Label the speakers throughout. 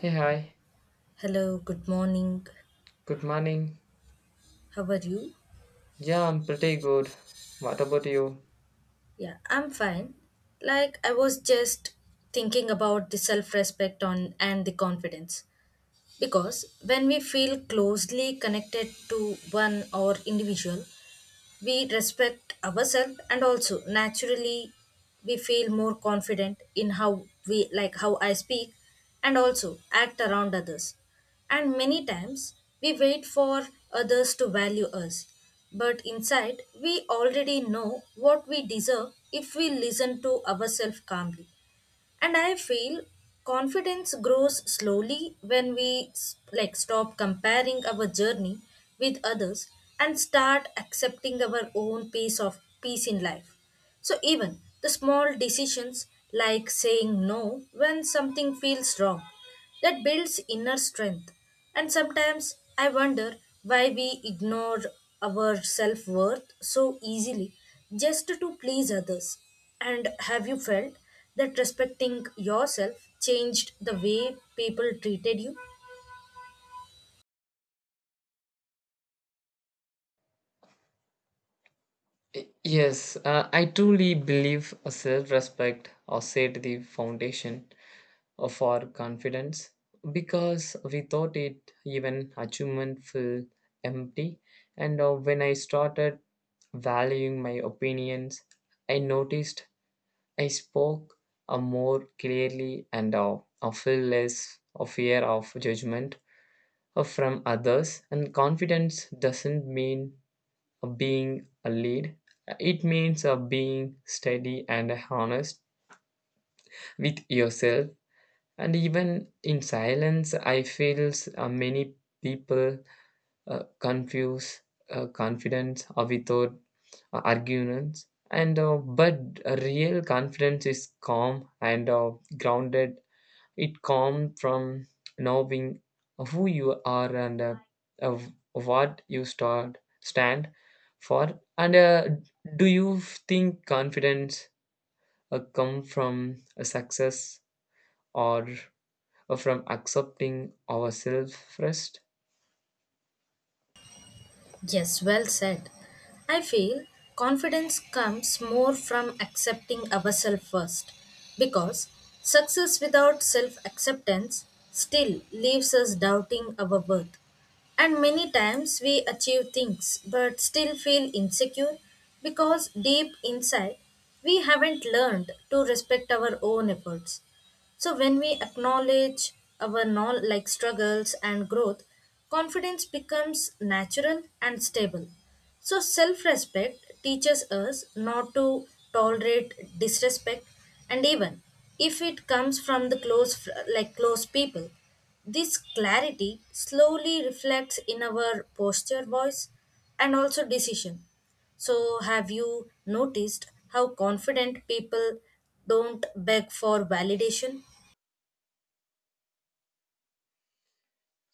Speaker 1: Hey, hi.
Speaker 2: Hello, good morning.
Speaker 1: Good morning.
Speaker 2: How are you?
Speaker 1: Yeah, I'm pretty good. What about you?
Speaker 2: Yeah, I'm fine. Like I was just thinking about the self-respect on and the confidence because when we feel closely connected to one or individual, we respect ourselves and also naturally we feel more confident in how we like how I speak and also act around others, and many times we wait for others to value us, but inside we already know what we deserve if we listen to ourselves calmly. And I feel confidence grows slowly when we stop comparing our journey with others and start accepting our own piece of peace in life. So even the small decisions like saying no when something feels wrong, that builds inner strength. And sometimes I wonder why we ignore our self worth so easily just to please others. And have you felt that respecting yourself changed the way people treated you?
Speaker 1: Yes, I truly believe a self-respect or set the foundation of our confidence because without it, even achievement feel empty. And when I started valuing my opinions, I noticed I spoke more clearly and I feel less of fear of judgment from others and confidence doesn't mean being a lead, it means being steady and honest with yourself, and even in silence I feel many people confuse confidence without arguments and but real confidence is calm and grounded. It comes from knowing who you are and uh, what you stand for. And do you think confidence come from a success or from accepting ourselves first?
Speaker 2: Yes, well said. I feel confidence comes more from accepting ourselves first, because success without self acceptance still leaves us doubting our worth. And many times we achieve things but still feel insecure because deep inside we haven't learned to respect our own efforts. So when we acknowledge our non like struggles and growth, confidence becomes natural and stable. So self-respect teaches us not to tolerate disrespect, and even if it comes from the close fr- like close people. This clarity slowly reflects in our posture, voice and also decision. So, have you noticed how confident people don't beg for validation?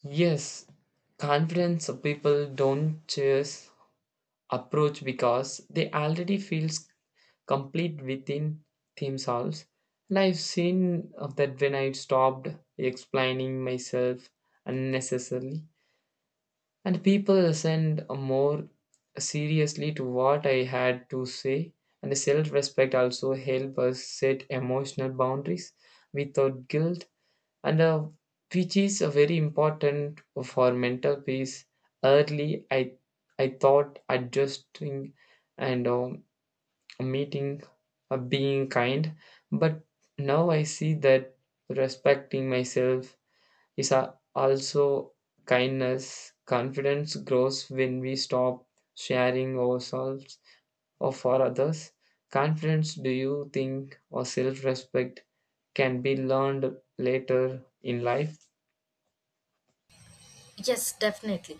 Speaker 1: Yes, confidence of people don't chase approach because they already feels complete within theme songs. And I've seen of that when I stopped explaining myself unnecessarily, and people listened more seriously to what I had to say. And the self-respect also help us set emotional boundaries without guilt, and which is very important for mental peace. Early, I thought adjusting and meeting, a being kind. But now I see that respecting myself is a, also kindness. Confidence grows when we stop sharing ourselves or for others. Confidence, do you think, or self respect can be learned later in life?
Speaker 2: Yes, definitely.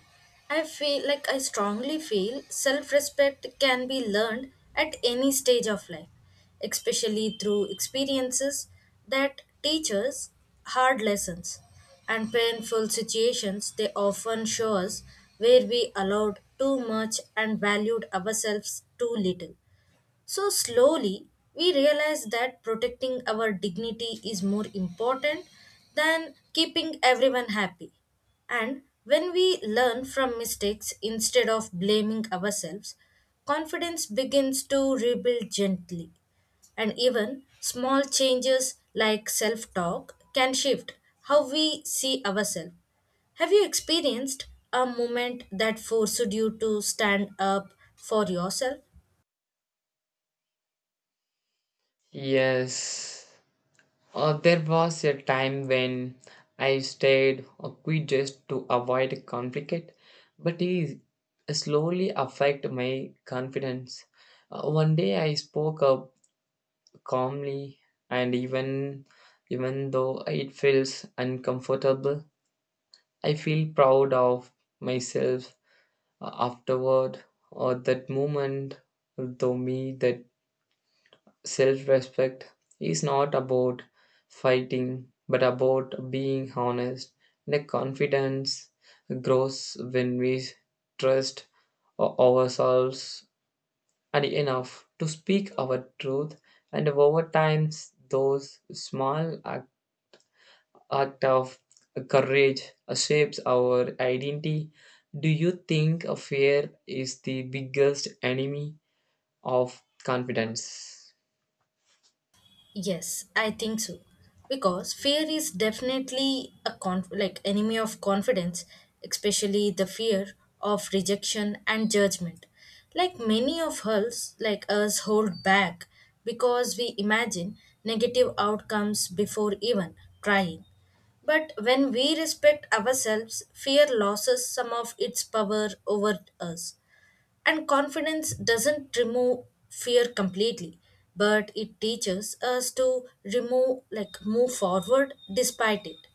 Speaker 2: I feel like I strongly feel self respect can be learned at any stage of life, especially through experiences that teach us hard lessons and painful situations. They often show us where we allowed too much and valued ourselves too little. So slowly, we realize that protecting our dignity is more important than keeping everyone happy. And when we learn from mistakes instead of blaming ourselves, confidence begins to rebuild gently. And even small changes like self talk can shift how we see ourselves. Have you experienced a moment that forced you to stand up for yourself?
Speaker 1: Yes, there was a time when I stayed awkward just to avoid conflict, but it slowly affected my confidence. One day I spoke up calmly, and even though it feels uncomfortable, I feel proud of myself afterward. Or that moment, though me that self respect is not about fighting, but about being honest. The confidence grows when we trust ourselves and enough to speak our truth, and over time, those small act of courage shapes our identity. Do you think a fear is the biggest enemy of confidence?
Speaker 2: Yes, I think so. Because fear is definitely a enemy of confidence, especially the fear of rejection and judgment. Like many of us, like us hold back because we imagine negative outcomes before even trying. But when we respect ourselves, fear loses some of its power over us. And confidence doesn't remove fear completely, but it teaches us to remove like move forward despite it.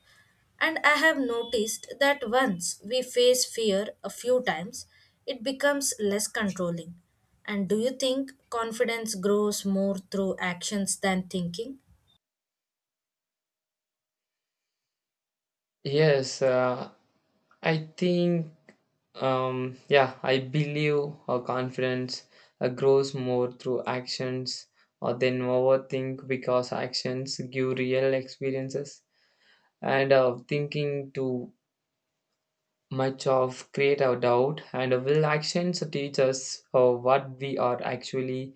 Speaker 2: And I have noticed that once we face fear a few times, it becomes less controlling. And do you think confidence grows more through actions than thinking?
Speaker 1: Yes, I think, yeah, I believe our confidence grows more through actions or than overthink because actions give real experiences and thinking to much of create our doubt and will actions teach us what we are actually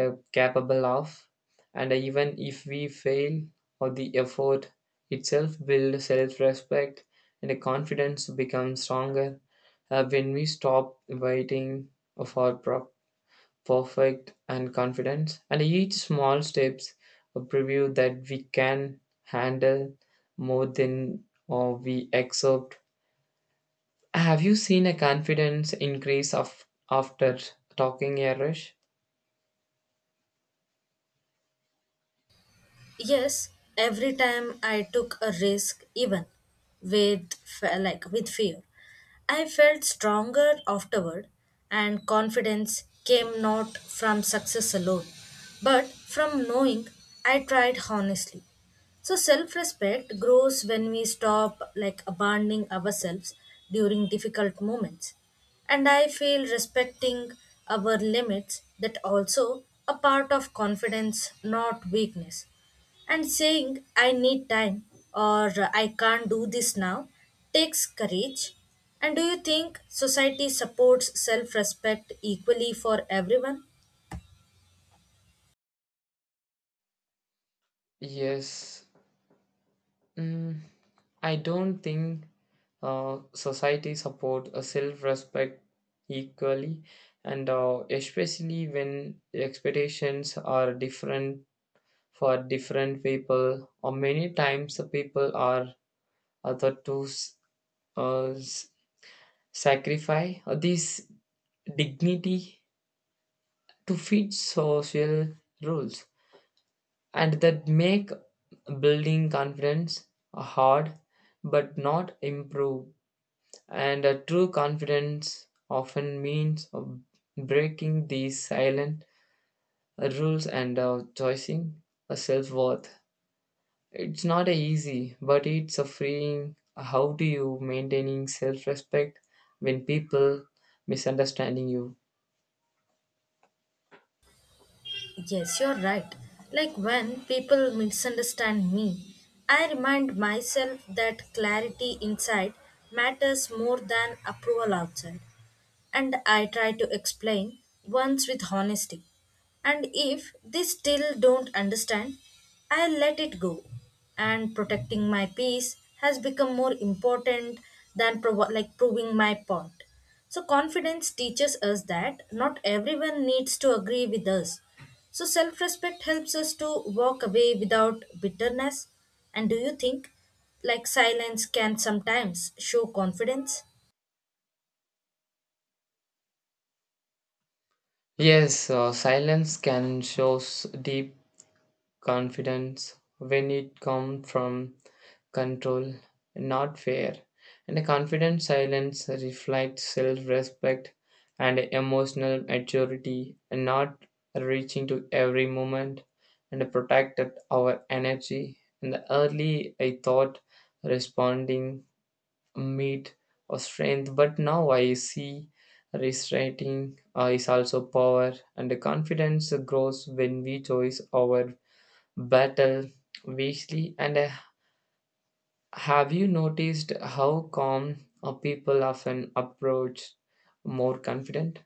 Speaker 1: capable of and even if we fail or the effort itself builds self-respect and the confidence becomes stronger when we stop waiting for perfect and confidence and each small steps a preview that we can handle more than or we accept. Have you seen a confidence increase of, after talking Irish?
Speaker 2: Yes, every time I took a risk, even with fe- like with fear, I felt stronger afterward, and confidence came not from success alone, but from knowing I tried honestly. So self-respect grows when we stop abandoning ourselves during difficult moments. And I feel respecting our limits that also a part of confidence, not weakness. And saying, I need time or I can't do this now takes courage. And do you think society supports self respect equally for everyone?
Speaker 1: Yes. Mm, I don't think society support a self-respect equally, and especially when expectations are different for different people, or many times the people are other to uh, s- sacrifice this dignity to fit social rules, and that make building confidence hard but not improve. And a true confidence often means breaking these silent rules and choosing a self-worth. It's not a easy but it's a freeing. How do you maintaining self-respect when people misunderstanding you?
Speaker 2: Yes, you're right. Like when people misunderstand me, I remind myself that clarity inside matters more than approval outside. And I try to explain once with honesty. And if they still don't understand, I let it go. And protecting my peace has become more important than proving my point. So confidence teaches us that not everyone needs to agree with us. So self-respect helps us to walk away without bitterness. And do you think like silence can sometimes show confidence?
Speaker 1: Yes, silence can shows deep confidence when it comes from control, not fear. And a confident silence reflects self respect and emotional maturity, and not reaching to every moment and protected our energy. In the early, I thought responding meet or strength, but now I see restrainting is also power, and the confidence grows when we choose our battle wisely. And have you noticed how calm people often approach more confident?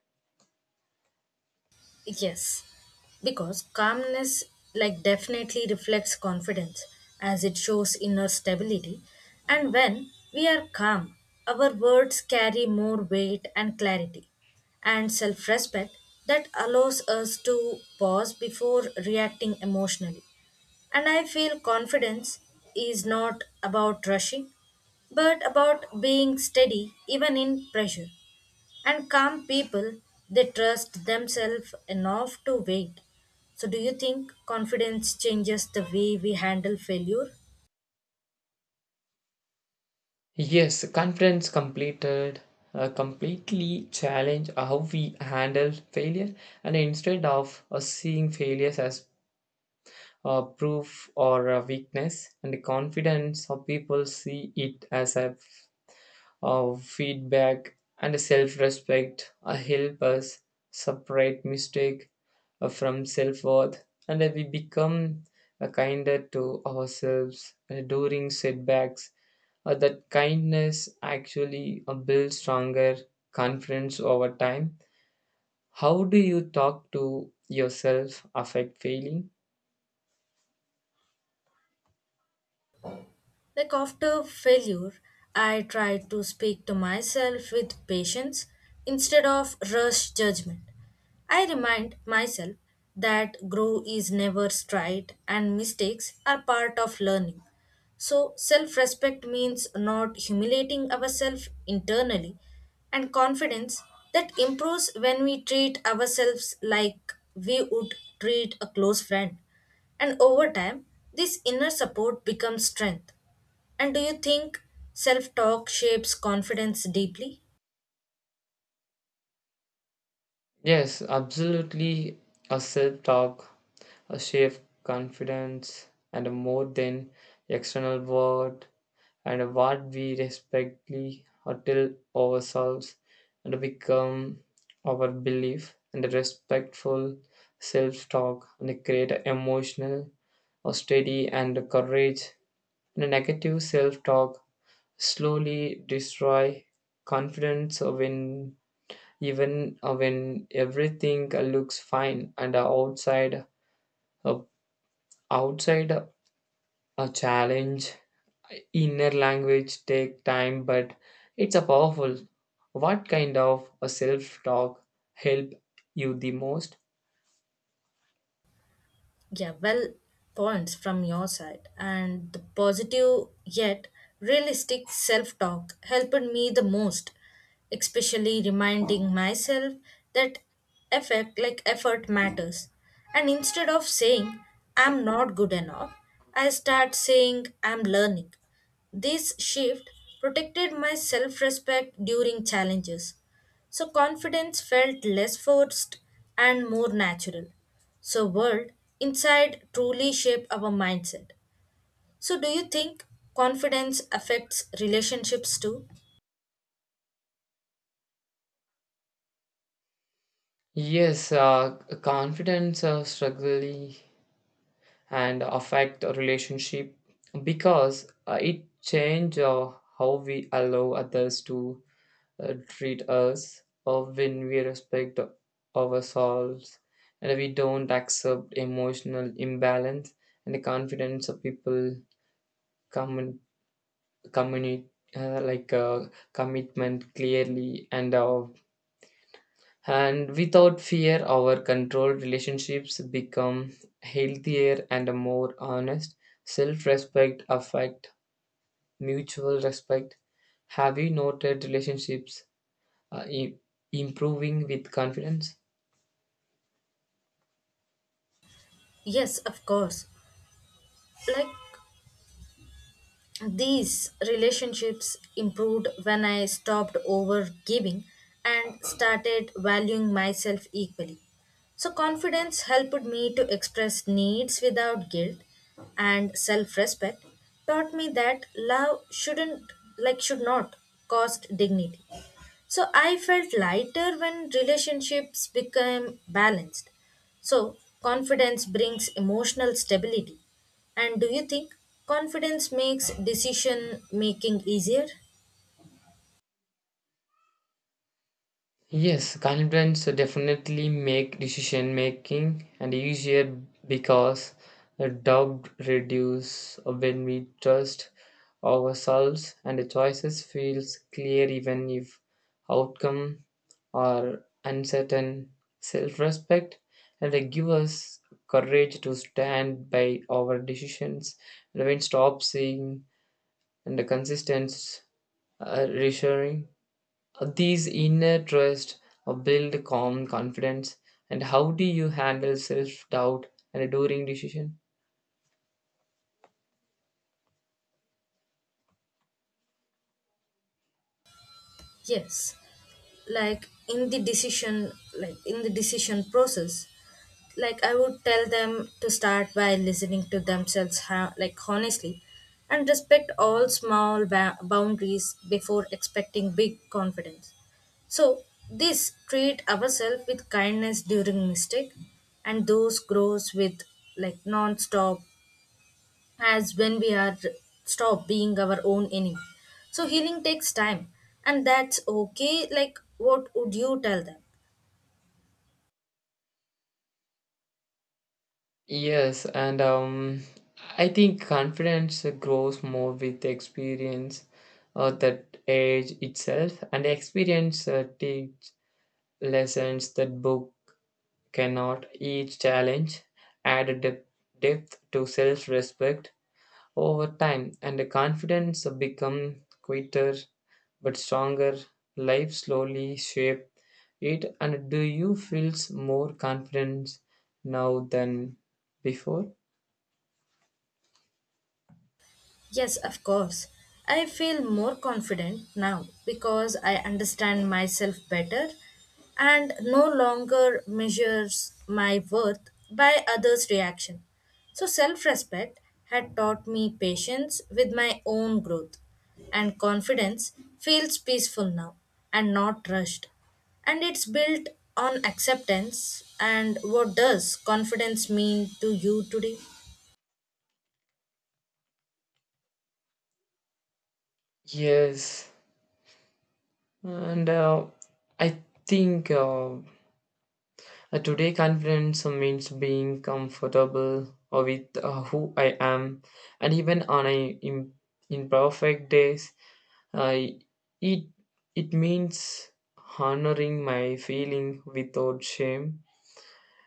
Speaker 2: Yes, because calmness like definitely reflects confidence, as it shows inner stability. And when we are calm, our words carry more weight and clarity. And self-respect, that allows us to pause before reacting emotionally. And I feel confidence is not about rushing, but about being steady even in pressure. And calm people, they trust themselves enough to wait. So, do you think confidence changes the way we handle failure?
Speaker 1: Yes, confidence completed completely challenge how we handle failure, and instead of seeing failures as proof or a weakness, and the confidence of people see it as a of feedback and self-respect help us separate mistake from self-worth and that we become kinder to ourselves during setbacks. That kindness actually builds stronger confidence over time. How do you talk to yourself affect failing?
Speaker 2: Like after failure, I try to speak to myself with patience instead of rush judgment. I remind myself that growth is never straight and mistakes are part of learning. So, self respect means not humiliating ourselves internally, and confidence that improves when we treat ourselves like we would treat a close friend. And over time, this inner support becomes strength. And do you think self talk shapes confidence deeply?
Speaker 1: Yes, absolutely. A self talk, a shared confidence, and a more than external word, and a what we respectfully tell ourselves and become our belief, and a respectful self talk, and create a emotional, a steady, and a courage. And a negative self talk slowly destroy confidence when even when everything looks fine and uh, outside a challenge inner language take time but it's a powerful. What kind of a self talk help you the most?
Speaker 2: Yeah, well, points from your side. And the positive yet realistic self talk helped me the most, especially reminding myself that effect like effort matters. And instead of saying I'm not good enough, I start saying I'm learning. This shift protected my self respect during challenges. So confidence felt less forced and more natural. So world inside truly shape our mindset. So do you think confidence affects relationships too?
Speaker 1: Yes, confidence struggle and affect a relationship because it change how we allow others to treat us or when we respect ourselves and we don't accept emotional imbalance and the confidence of people commun- communi- uh, like uh, commitment clearly and without fear our controlled relationships become healthier and more honest. Self-respect affect mutual respect. Have you noted relationships uh, i- improving with confidence?
Speaker 2: Yes, of course. Like, these relationships improved when I stopped overgiving and started valuing myself equally. So, confidence helped me to express needs without guilt, and self respect taught me that love shouldn't, should not cost dignity. So I felt lighter when relationships became balanced. So confidence brings emotional stability. And do you think confidence makes decision making easier?
Speaker 1: Yes, confidence definitely make decision making and easier because the doubt reduce when we trust ourselves and the choices feels clear even if outcome are uncertain. Self-respect and they give us courage to stand by our decisions and when stop seeing and the consistent reassuring these inner trust build calm confidence. And how do you handle self doubt and during decision?
Speaker 2: Yes, like in the decision, in the decision process, like I would tell them to start by listening to themselves, honestly, and respect all small boundaries before expecting big confidence. So this treat ourselves with kindness during mistake, and those grows with like non-stop as when we are stop being our own enemy. So healing takes time, and that's okay. Like what would you tell them?
Speaker 1: Yes, and I think confidence grows more with experience that age itself, and experience teach lessons that book cannot. Each challenge add depth, depth to self-respect, over time and the confidence become quieter but stronger. Life slowly shape it. And do you feels more confident now than before?
Speaker 2: Yes, of course. I feel more confident now because I understand myself better and no longer measures my worth by others' reaction. So, self respect had taught me patience with my own growth, and confidence feels peaceful now and not rushed. And it's built on acceptance. And what does confidence mean to you today?
Speaker 1: Yes, and I think today confidence means being comfortable with who I am and even on a imperfect days. I it It means honoring my feeling without shame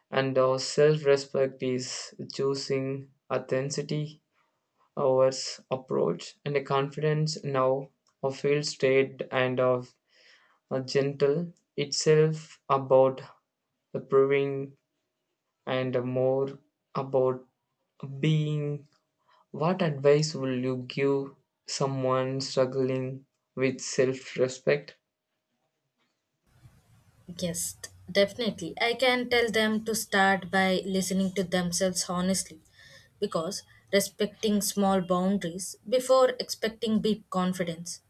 Speaker 1: and our self-respect is choosing authenticity over approach and a confidence now a feel state and of a gentle itself about approving and more about being. What advice will you give someone struggling with self-respect?
Speaker 2: Yes, definitely. I can tell them to start by listening to themselves honestly, because respecting small boundaries before expecting big confidence.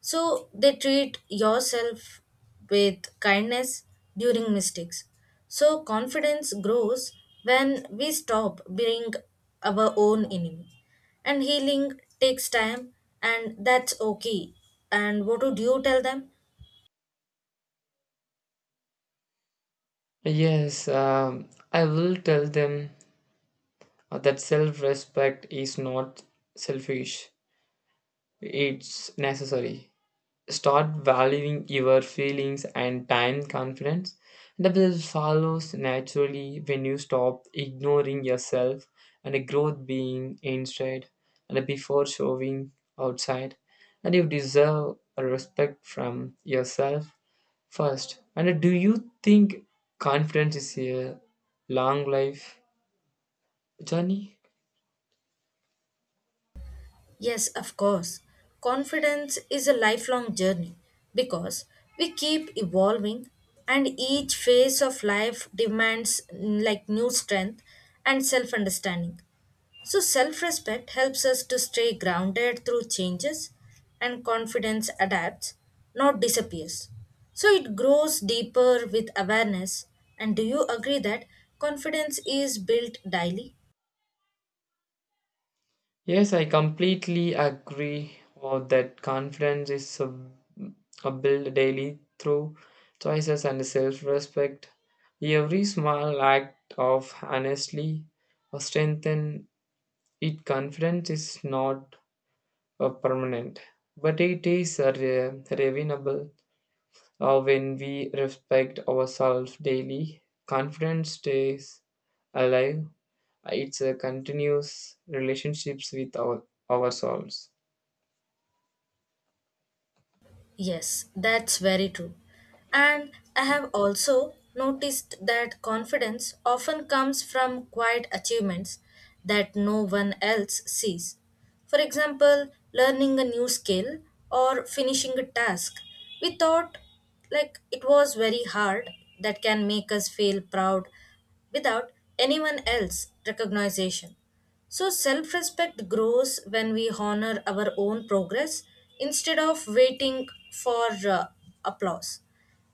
Speaker 2: So they treat yourself with kindness during mistakes. So confidence grows when we stop being our own enemy. And healing takes time, and that's okay. And what would you tell them?
Speaker 1: Yes, I will tell them that self respect is not selfish, it's necessary. Start valuing your feelings and time confidence. That will follows naturally when you stop ignoring yourself and a growth being inside and before showing outside. And you deserve a respect from yourself first. And do you think confidence is a long life journey?
Speaker 2: Yes, of course. Confidence is a lifelong journey because we keep evolving and each phase of life demands new strength and self-understanding. So self-respect helps us to stay grounded through changes and confidence adapts, not disappears. So it grows deeper with awareness. And do you agree that confidence is built daily?
Speaker 1: Yes, I completely agree or that confidence is a built daily through choices and self-respect. Every small act of honestly or strengthen it. Confidence is not a permanent, but it is a renewable. When we respect ourselves daily, confidence stays alive. It's a continuous relationships with ourselves.
Speaker 2: Yes, that's very true. And I have also noticed that confidence often comes from quiet achievements that no one else sees. For example, learning a new skill or finishing a task we thought like it was very hard, that can make us feel proud without anyone else recognition. So, self respect grows when we honor our own progress instead of waiting for applause.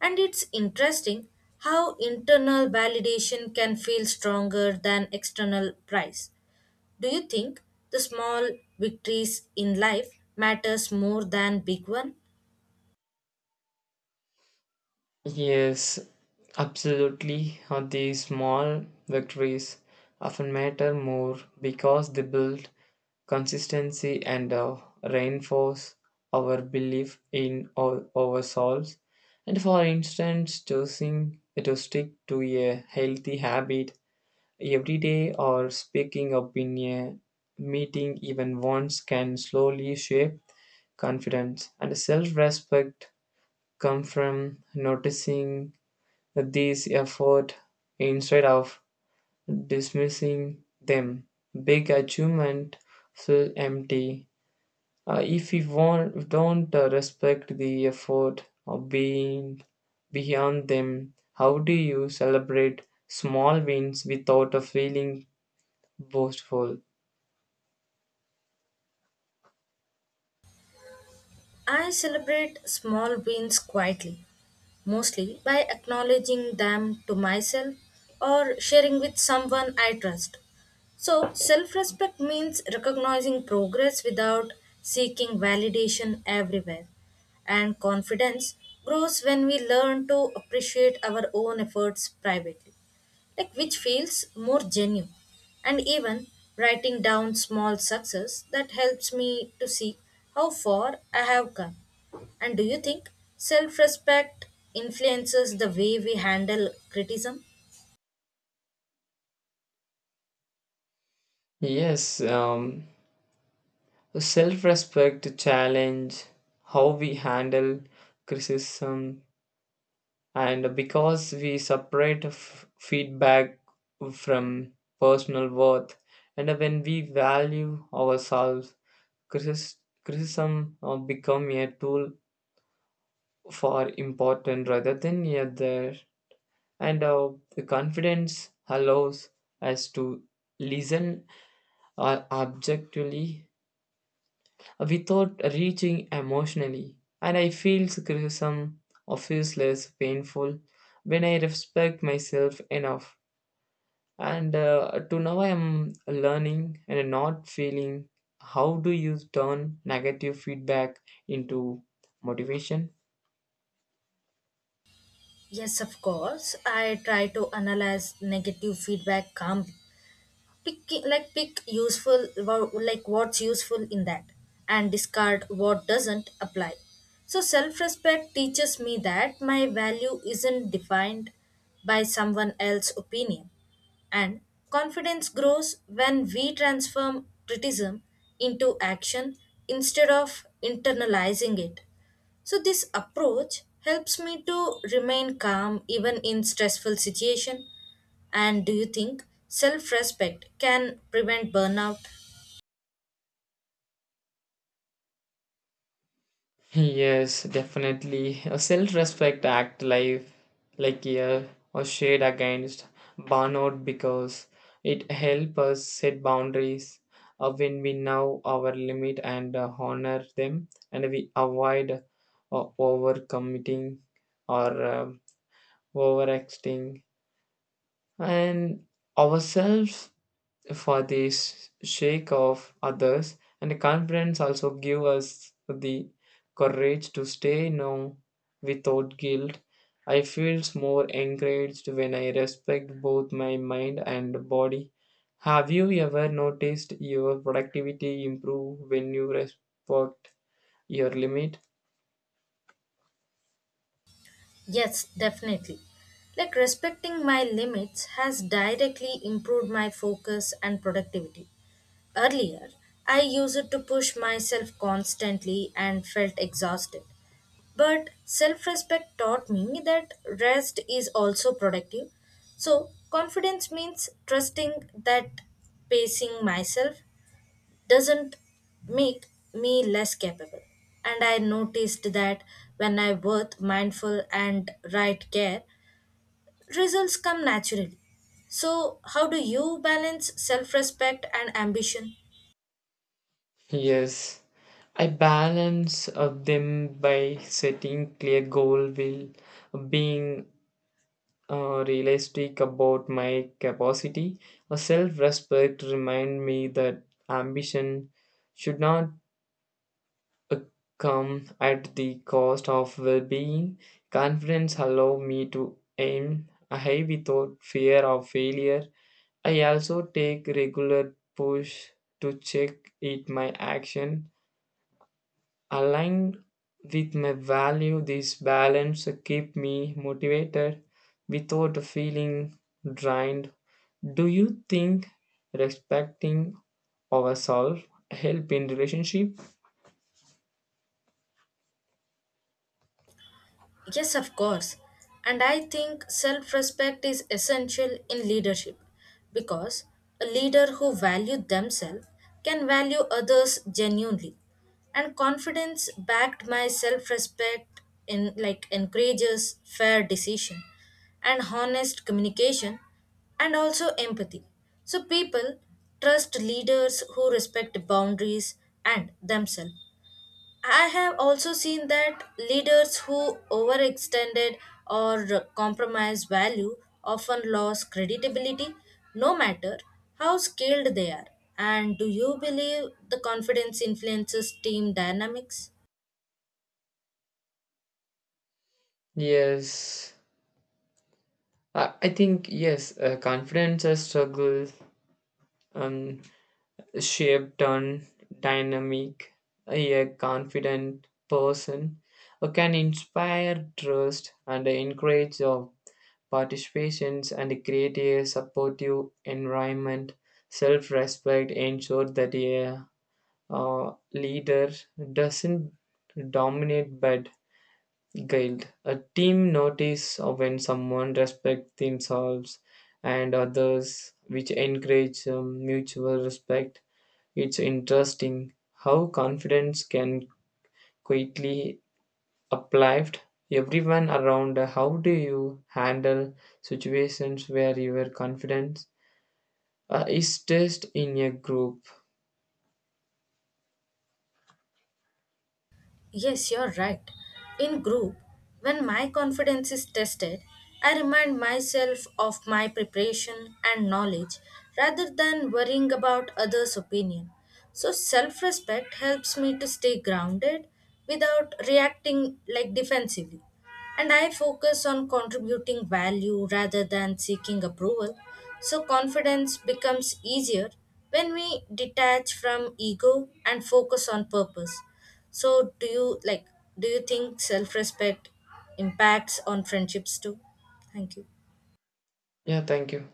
Speaker 2: And it's interesting how internal validation can feel stronger than external praise. Do you think the small victories in life matters more than big one?
Speaker 1: Yes, absolutely. These small victories often matter more because they build consistency and reinforce our belief in ourselves. And for instance, choosing to stick to a healthy habit everyday or speaking up in a meeting, even once, can slowly shape confidence. And self respect come from noticing these effort instead of dismissing them. Big achievement feel empty. If don't respect the effort of being beyond them. How do you celebrate small wins without a feeling boastful?
Speaker 2: I celebrate small wins quietly, mostly by acknowledging them to myself or sharing with someone I trust. So, self respect means recognizing progress without seeking validation everywhere. And confidence grows when we learn to appreciate our own efforts privately, like which feels more genuine. And even writing down small success that helps me to see how far I have come. And do you think self respect influences the way we handle criticism?
Speaker 1: Yes, self respect challenge how we handle criticism, and because we separate feedback from personal worth, and when we value ourselves, critis- criticism become a tool for important rather than a there. And the confidence allows us to listen objectively without reaching emotionally. And I feel criticism of is less painful when I respect myself enough. And to now, I am learning and not feeling. How do you turn negative feedback into motivation?
Speaker 2: Yes, of course. I try to analyze negative feedback calmly, pick useful what's useful in that and discard what doesn't apply. So self-respect teaches me that my value isn't defined by someone else's opinion, and confidence grows when we transform criticism into action instead of internalizing it. So this approach helps me to remain calm even in stressful situation. And do you think self respect can prevent burnout?
Speaker 1: Yes, definitely. A self-respect act life like a shade against burnout because it helps us set boundaries when we know our limit and honor them, and we avoid overcommitting or overacting and ourselves for the sake of others and confidence also give us the courage to stay no without guilt. I feel more encouraged when I respect both my mind and body. Have you ever noticed your productivity improve when you respect your limit?
Speaker 2: Yes, definitely. Like respecting my limits has directly improved my focus and productivity. Earlier, I used it to push myself constantly and felt exhausted. But self respect taught me that rest is also productive. So, confidence means trusting that pacing myself doesn't make me less capable. And I noticed that when I work mindful and right care, results come naturally. So, how do you balance self respect and ambition?
Speaker 1: Yes, I balance of them by setting clear goal will being realistic about my capacity. A self respect remind me that ambition should not uh, come at the cost of well being. Confidence allow me to aim high without fear of failure. I also take regular push to check it my action aligned with my value. This balance keep me motivated without feeling drained. Do you think respecting ourselves help in relationship?
Speaker 2: Yes, of course. And I think self respect is essential in leadership, because a leader who values themselves can value others genuinely. And confidence backed by self respect in like encourages fair decision and honest communication and also empathy. So people trust leaders who respect boundaries and themselves. I have also seen that leaders who overextended or compromise value often lose credibility, no matter how skilled they are. And do you believe the confidence influences team dynamics?
Speaker 1: Yes, I think yes. Confidence and struggle um, shaped on dynamic. A confident person who can inspire trust and encourage participations and create a supportive environment. Self respect ensures that a leader doesn't dominate but guild. A team notice when someone respects themselves and others, which encourage mutual respect. It's interesting how confidence can quickly uplift everyone around. How do you handle situations where your confidence is tested in a group?
Speaker 2: Yes, you're right. In group, when my confidence is tested, I remind myself of my preparation and knowledge rather than worrying about others' opinion. So, self respect helps me to stay grounded without reacting defensively. And I focus on contributing value rather than seeking approval. So, confidence becomes easier when we detach from ego and focus on purpose. So do you think self-respect impacts on friendships too? Thank you.
Speaker 1: Yeah, thank you.